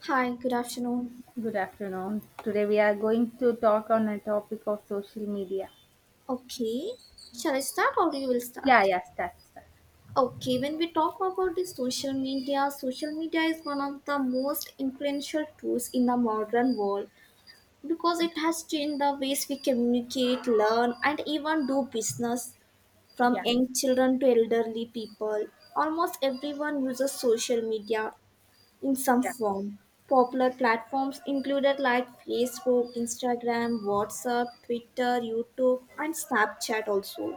Hi, good afternoon. Good afternoon. Today we are going to talk on a topic of social media. Okay, shall I start or you will Yeah, start? yeah, start, start. Okay, when we talk about the social media is one of the most influential tools in the modern world because it has changed the ways we communicate, learn, and even do business from Yeah, young children to elderly people. Almost everyone uses social media, in some yeah, form. Popular platforms included like Facebook, Instagram, WhatsApp, Twitter, YouTube, and Snapchat also.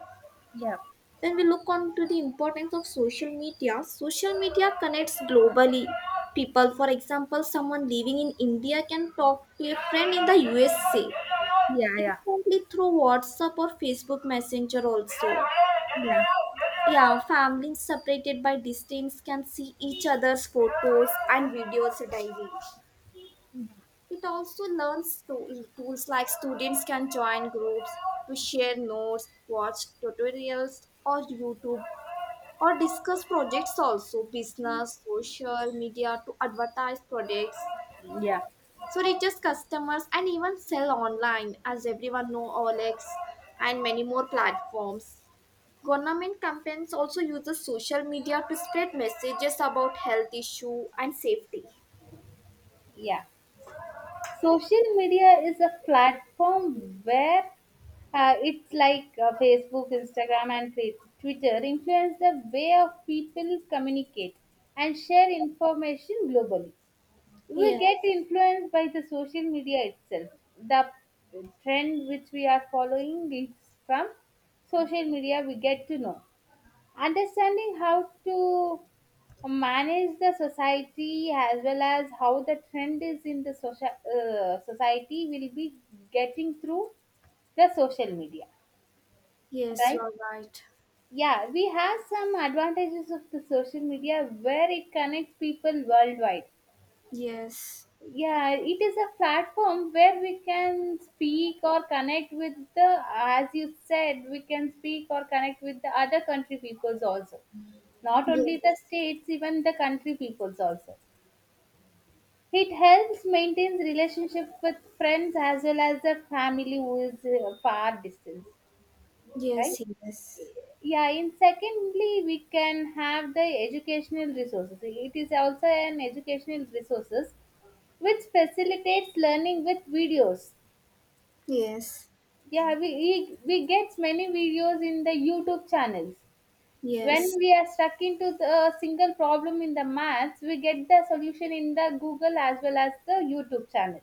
yeah, When we look on to the importance of social media connects globally. People, for example, someone living in India can talk to a friend in the USA yeah, yeah, instantly through WhatsApp or Facebook Messenger also. yeah, Yeah, families separated by distance can see each other's photos and videos daily. It also tools like students can join groups to share notes, watch tutorials or YouTube, or discuss projects also business, social media to advertise products. yeah, So reaches customers and even sell online, as everyone know Olex and many more platforms. Government campaigns also uses social media to spread messages about health issue and safety. yeah. Social media is a platform where it's like Facebook, Instagram, and Twitter influence the way of people communicate and share information globally. We Yes, get influenced by the social media itself, the trend which we are following is from social media. We get to know, understanding how to manage the society as well as how the trend is in the social society, will be getting through the social media. yes, Right. you're right. Yeah, we have some advantages of the social media where it connects people worldwide. Yes. Yeah, it is a platform where we can speak or connect with the, as you said, we can speak or connect with the other country peoples also, not only the Yes, states, even the country peoples also. It helps maintains relationship with friends as well as the family who is far distance. Right. yes, yes, Yeah, in secondly, we can have the educational resources. It is also an educational resources which facilitates learning with videos. yes, Yeah, we get many videos in the YouTube channels. Yes. When yes, we are stuck into the a single problem in the maths, we get the solution in the Google as well as the YouTube channel.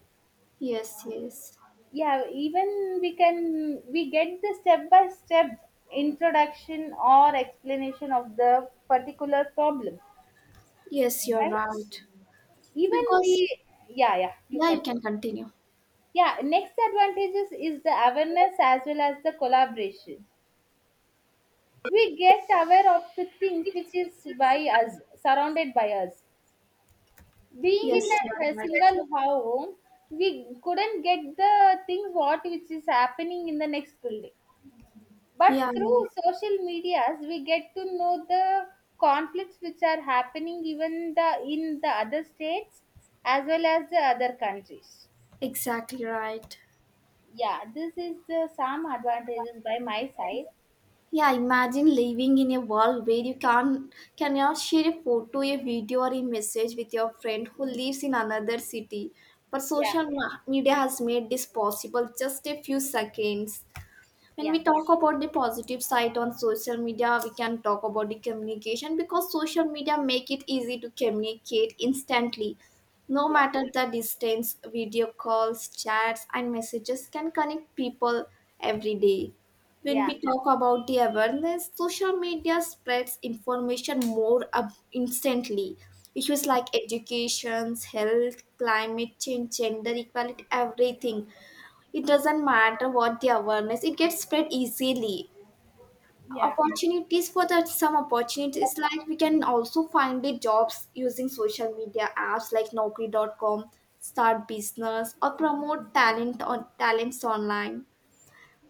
yes, yes, Yeah, even we get the step by step introduction or explanation of the particular problem. yes, you're Right? right. Even we, Because, yeah, yeah, you yeah, can. you can continue. Yeah, next advantages is the awareness as well as the collaboration. We get aware of the things which is by us, surrounded by us. Being Yes, in a you're right. single home, we couldn't get the things what which is happening in the next building. But Yeah, yeah, yeah. through social medias, we get to know the conflicts which are happening even the in the other states as well as the other countries. Exactly right. Yeah, this is the some advantages by my side. Yeah, imagine living in a world where you can cannot share a photo, a video, or a message with your friend who lives in another city. But Yeah, media has made this possible just a few seconds. When yeah. we talk about the positive side on social media, we can talk about the communication because social media make it easy to communicate instantly, no Yeah, matter the distance. Video calls, chats, and messages can connect people every day. When yeah, we talk about the awareness, social media spreads information more up instantly. Issues like education, health, climate change, gender equality, everything, it doesn't matter what the awareness, it gets spread easily. yeah, Opportunities for that, some opportunities like we can also find the jobs using social media apps like Naukri.com, start business or promote talent on talents online.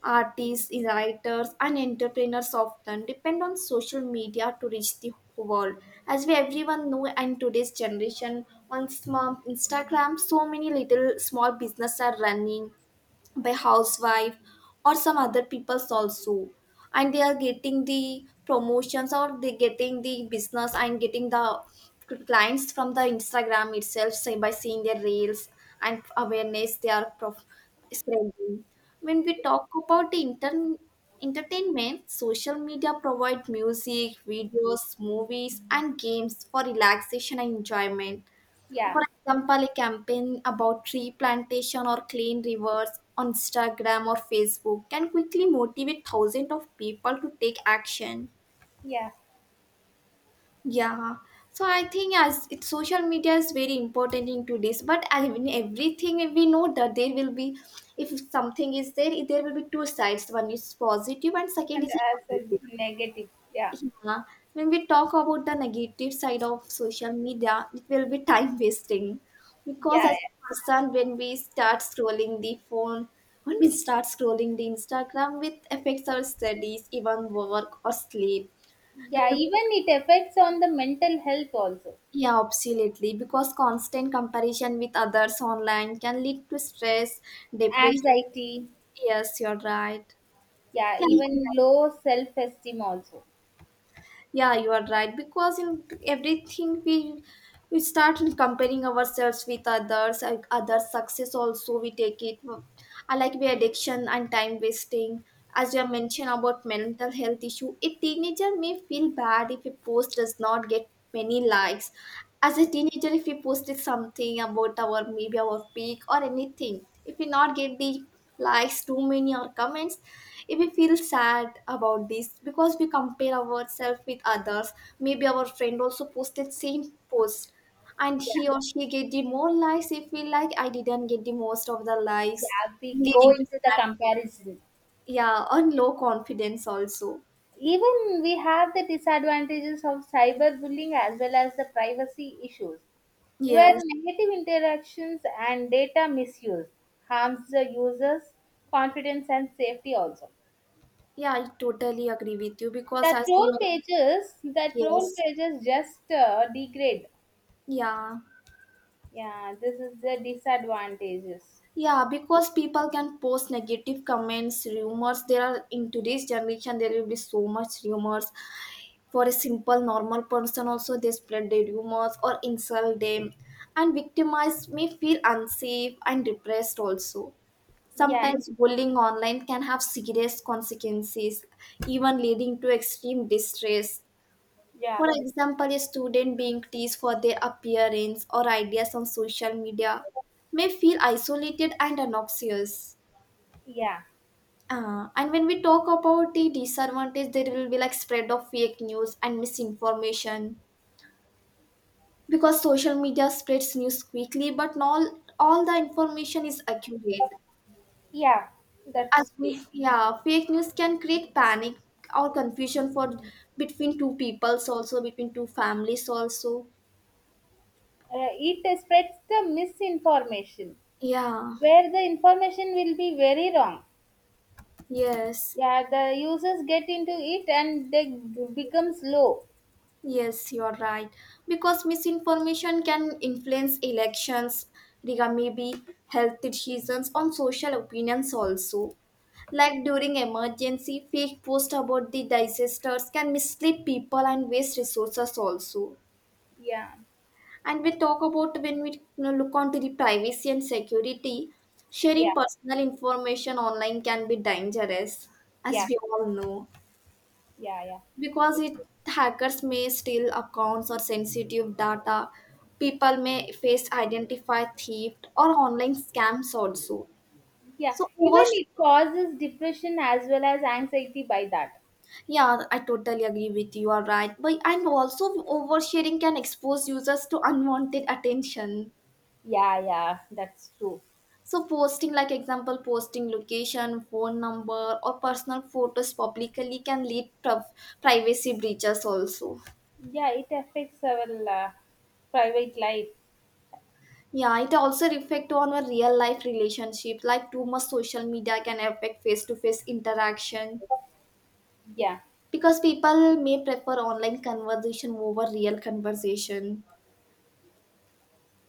Artists, writers, and entrepreneurs often depend on social media to reach the world. As we everyone know, in today's generation, on small Instagram, so many little small business are running by housewife or some other people's also, and they are getting the promotions or they getting the business and getting the clients from the Instagram itself, say by seeing their reels and awareness they are spreading. When we talk about the intern entertainment, social media provide music, videos, movies, and games for relaxation and enjoyment. yeah, For example, a campaign about tree plantation or clean rivers on Instagram or Facebook can quickly motivate thousands of people to take action. yeah, Yeah. So I think as it, social media is very important in today's. But I in everything we know that there will be, if something is there, there will be two sides. One is positive and second and is as a negative. negative. Yeah, Yeah, when we talk about the negative side of social media, it will be time wasting because yeah, as a person, when we start scrolling the phone, when we start scrolling the Instagram, it affects our studies, even work or sleep. When yeah. we, Even it affects on the mental health also, yeah, absolutely, because constant comparison with others online can lead to stress, depression. anxiety. Yes, you're right. Yeah, Yeah, you can. even low self esteem also. Yeah, you are right. Because in everything we start comparing ourselves with others, and others' success also we take it. I like the addiction and time wasting. As you have mentioned about mental health issue, a teenager may feel bad if a post does not get many likes. As a teenager, if we posted something about our maybe our peak or anything, if we not get the likes too many or comments, if we feel sad about this because we compare ourselves with others, maybe our friend also posted same post and Yeah, he or she get the more likes, if we like I didn't get the most of the likes, yeah. We go leading to into the sadness. comparison. Yeah, and low confidence also. Even we have the disadvantages of cyberbullying as well as the privacy issues where Yes. negative interactions and data misuse harms the users confidence and safety also. Yeah, I totally agree with you because as you mentioned, The troll yes. pages just degrade. Yeah, Yeah, this is the disadvantages. yeah, because people can post negative comments, rumors. There are in today's generation, there will be so much rumors. For a simple normal person, also they spread the rumors or insult them, and victimized may feel unsafe and depressed. Also, Yeah, sometimes bullying online can have serious consequences, even leading to extreme distress. yeah, For example, a student being teased for their appearance or ideas on social media may feel isolated and obnoxious. yeah, And when we talk about the disadvantage, there will be like spread of fake news and misinformation because social media spreads news quickly, but not all the information is accurate. yeah, As that's good. we, yeah, fake news can create panic or confusion for between two peoples, also between two families also. It spreads the misinformation Yeah. where the information will be very wrong. Yes. Yeah, the users get into it and they becomes low. Yes, you're right. Because misinformation can influence elections, regard maybe health decisions on social opinions also. Like during emergency, fake posts about the disasters can mislead people and waste resources also. Yeah. And we talk about when we look onto the privacy and security, Yeah, sharing personal information online can be dangerous, as yeah, we all know, yeah, yeah. because it hackers may steal accounts or sensitive data. People may face identify theft or online scams also. Yeah, So even over, it causes depression as well as anxiety by that. yeah, I totally agree with you are right, but and also oversharing can expose users to unwanted attention. Yeah, yeah, that's true. So posting like example posting location, phone number, or personal photos publicly can lead to privacy breaches also. Yeah, it affects our private life. Yeah, it also reflect on our real life relationship. Like too much social media can affect face to face interaction Yeah, because people may prefer online conversation over real conversation.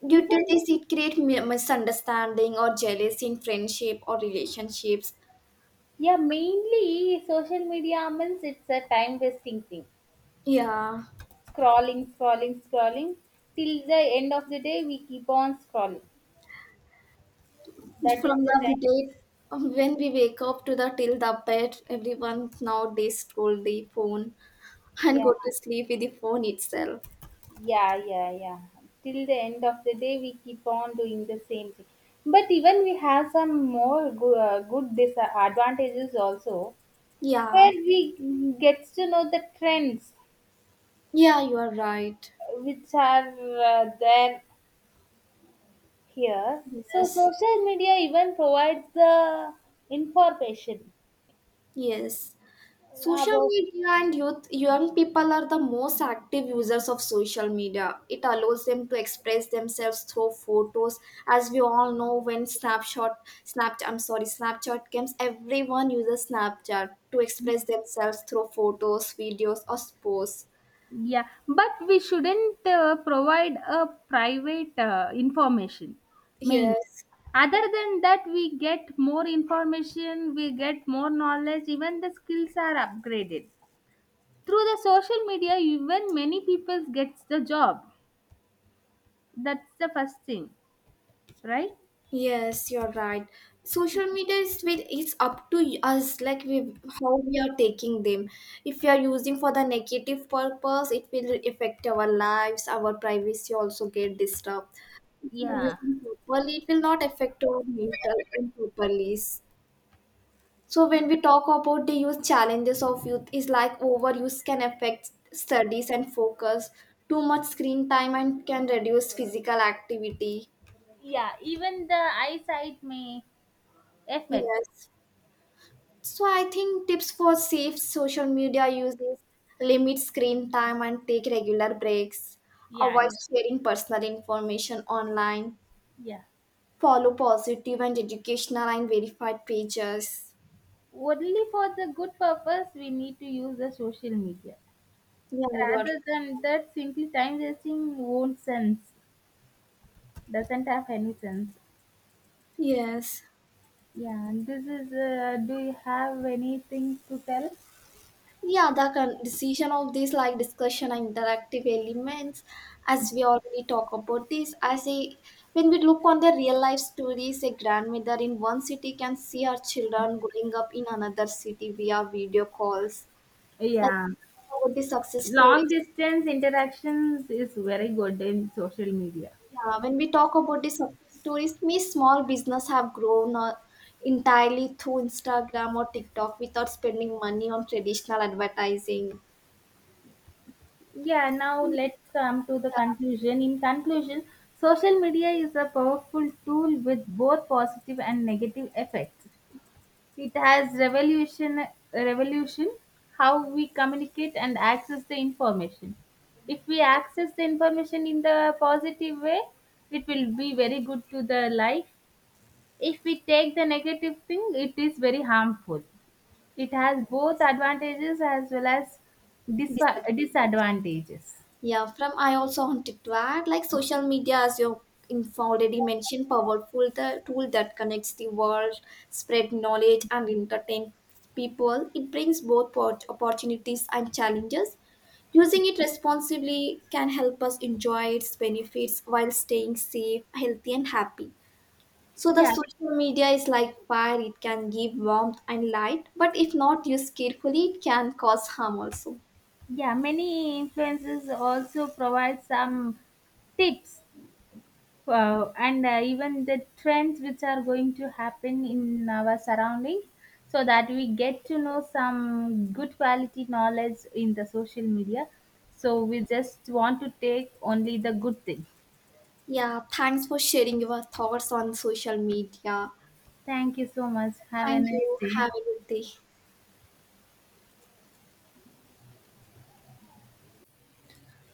Due to even, this, it create misunderstanding or jealousy in friendship or relationships. yeah, mainly social media means it's a time wasting thing. Yeah, Scrolling, scrolling, scrolling. Till the end of the day, we keep on scrolling. That is from the the time. date when we wake up to the till the bed, everyone nowadays scroll the phone and Yeah. go to sleep with the phone itself. Yeah, yeah, yeah. Till the end of the day, we keep on doing the same thing. But even we have some more good disadvantages also, where Yeah, we gets to know the trends yeah, you are right. Which are there here. So Yes, social media even provides the information yes. Social about. media and youth, young people are the most active users of social media. It allows them to express themselves through photos. As we all know, when Snapshot, Snapchat, I'm sorry, Snapchat comes, everyone uses Snapchat to express themselves through photos, videos, or posts. Yeah, but we shouldn't provide a private information. Means, Yes. other than that, we get more information, we get more knowledge, even the skills are upgraded. Through the social media, even many people gets the job. That's the first thing, right? Yes, you're right. Social media is with it's up to us, like we how we are taking them. If we are using for the negative purpose, it will affect our lives, our privacy also get disturbed. If we are Yeah. using properly, it will not affect our mental and properly. So when we talk about the youth, challenges of youth is like overuse can affect studies and focus, too much screen time and can reduce physical activity. Yeah, even the eyesight may affect. Yes. So I think tips for safe social media use is limit screen time and take regular breaks, Yeah, avoid yeah, sharing personal information online, yeah. follow positive and educational and verified pages. Only for the good purpose, we need to use the social media. Yeah, you're Rather than that, simply time wasting won't sense, doesn't have any sense. yes. Yeah, and this is, do you have anything to tell? Yeah, the decision of this like discussion and interactive elements, as we already talk about this, I say when we look on the real life stories, a grandmother in one city can see her children growing up in another city via video calls. Like Yeah, about the success long stories, distance interactions is very good in social media. yeah, when we talk about the success stories, me small business have grown entirely through Instagram or TikTok without spending money on traditional advertising. Yeah, now let's come to the Yeah, conclusion. In conclusion, social media is a powerful tool with both positive and negative effects. It has revolution how we communicate and access the information. If we access the information in the positive way, it will be very good to the life. If we take the negative thing, it is very harmful. It has both advantages as well as disagree. disadvantages. Yeah, from I also wanted to add, like social media, as you in already mentioned, powerful the tool that connects the world, spread knowledge, and entertain people. It brings both opportunities and challenges. Using it responsibly can help us enjoy its benefits while staying safe, healthy, and happy. So the Yeah, social media is like fire; it can give warmth and light, but if not used carefully, it can cause harm also. yeah. Many influences also provide some tips. Wow, and even the trends which are going to happen in our surroundings, so that we get to know some good quality knowledge in the social media. So we just want to take only the good things. Yeah, thanks for sharing your thoughts on social media. Thank you so much. Have a Thank nice you. day. Have a good day.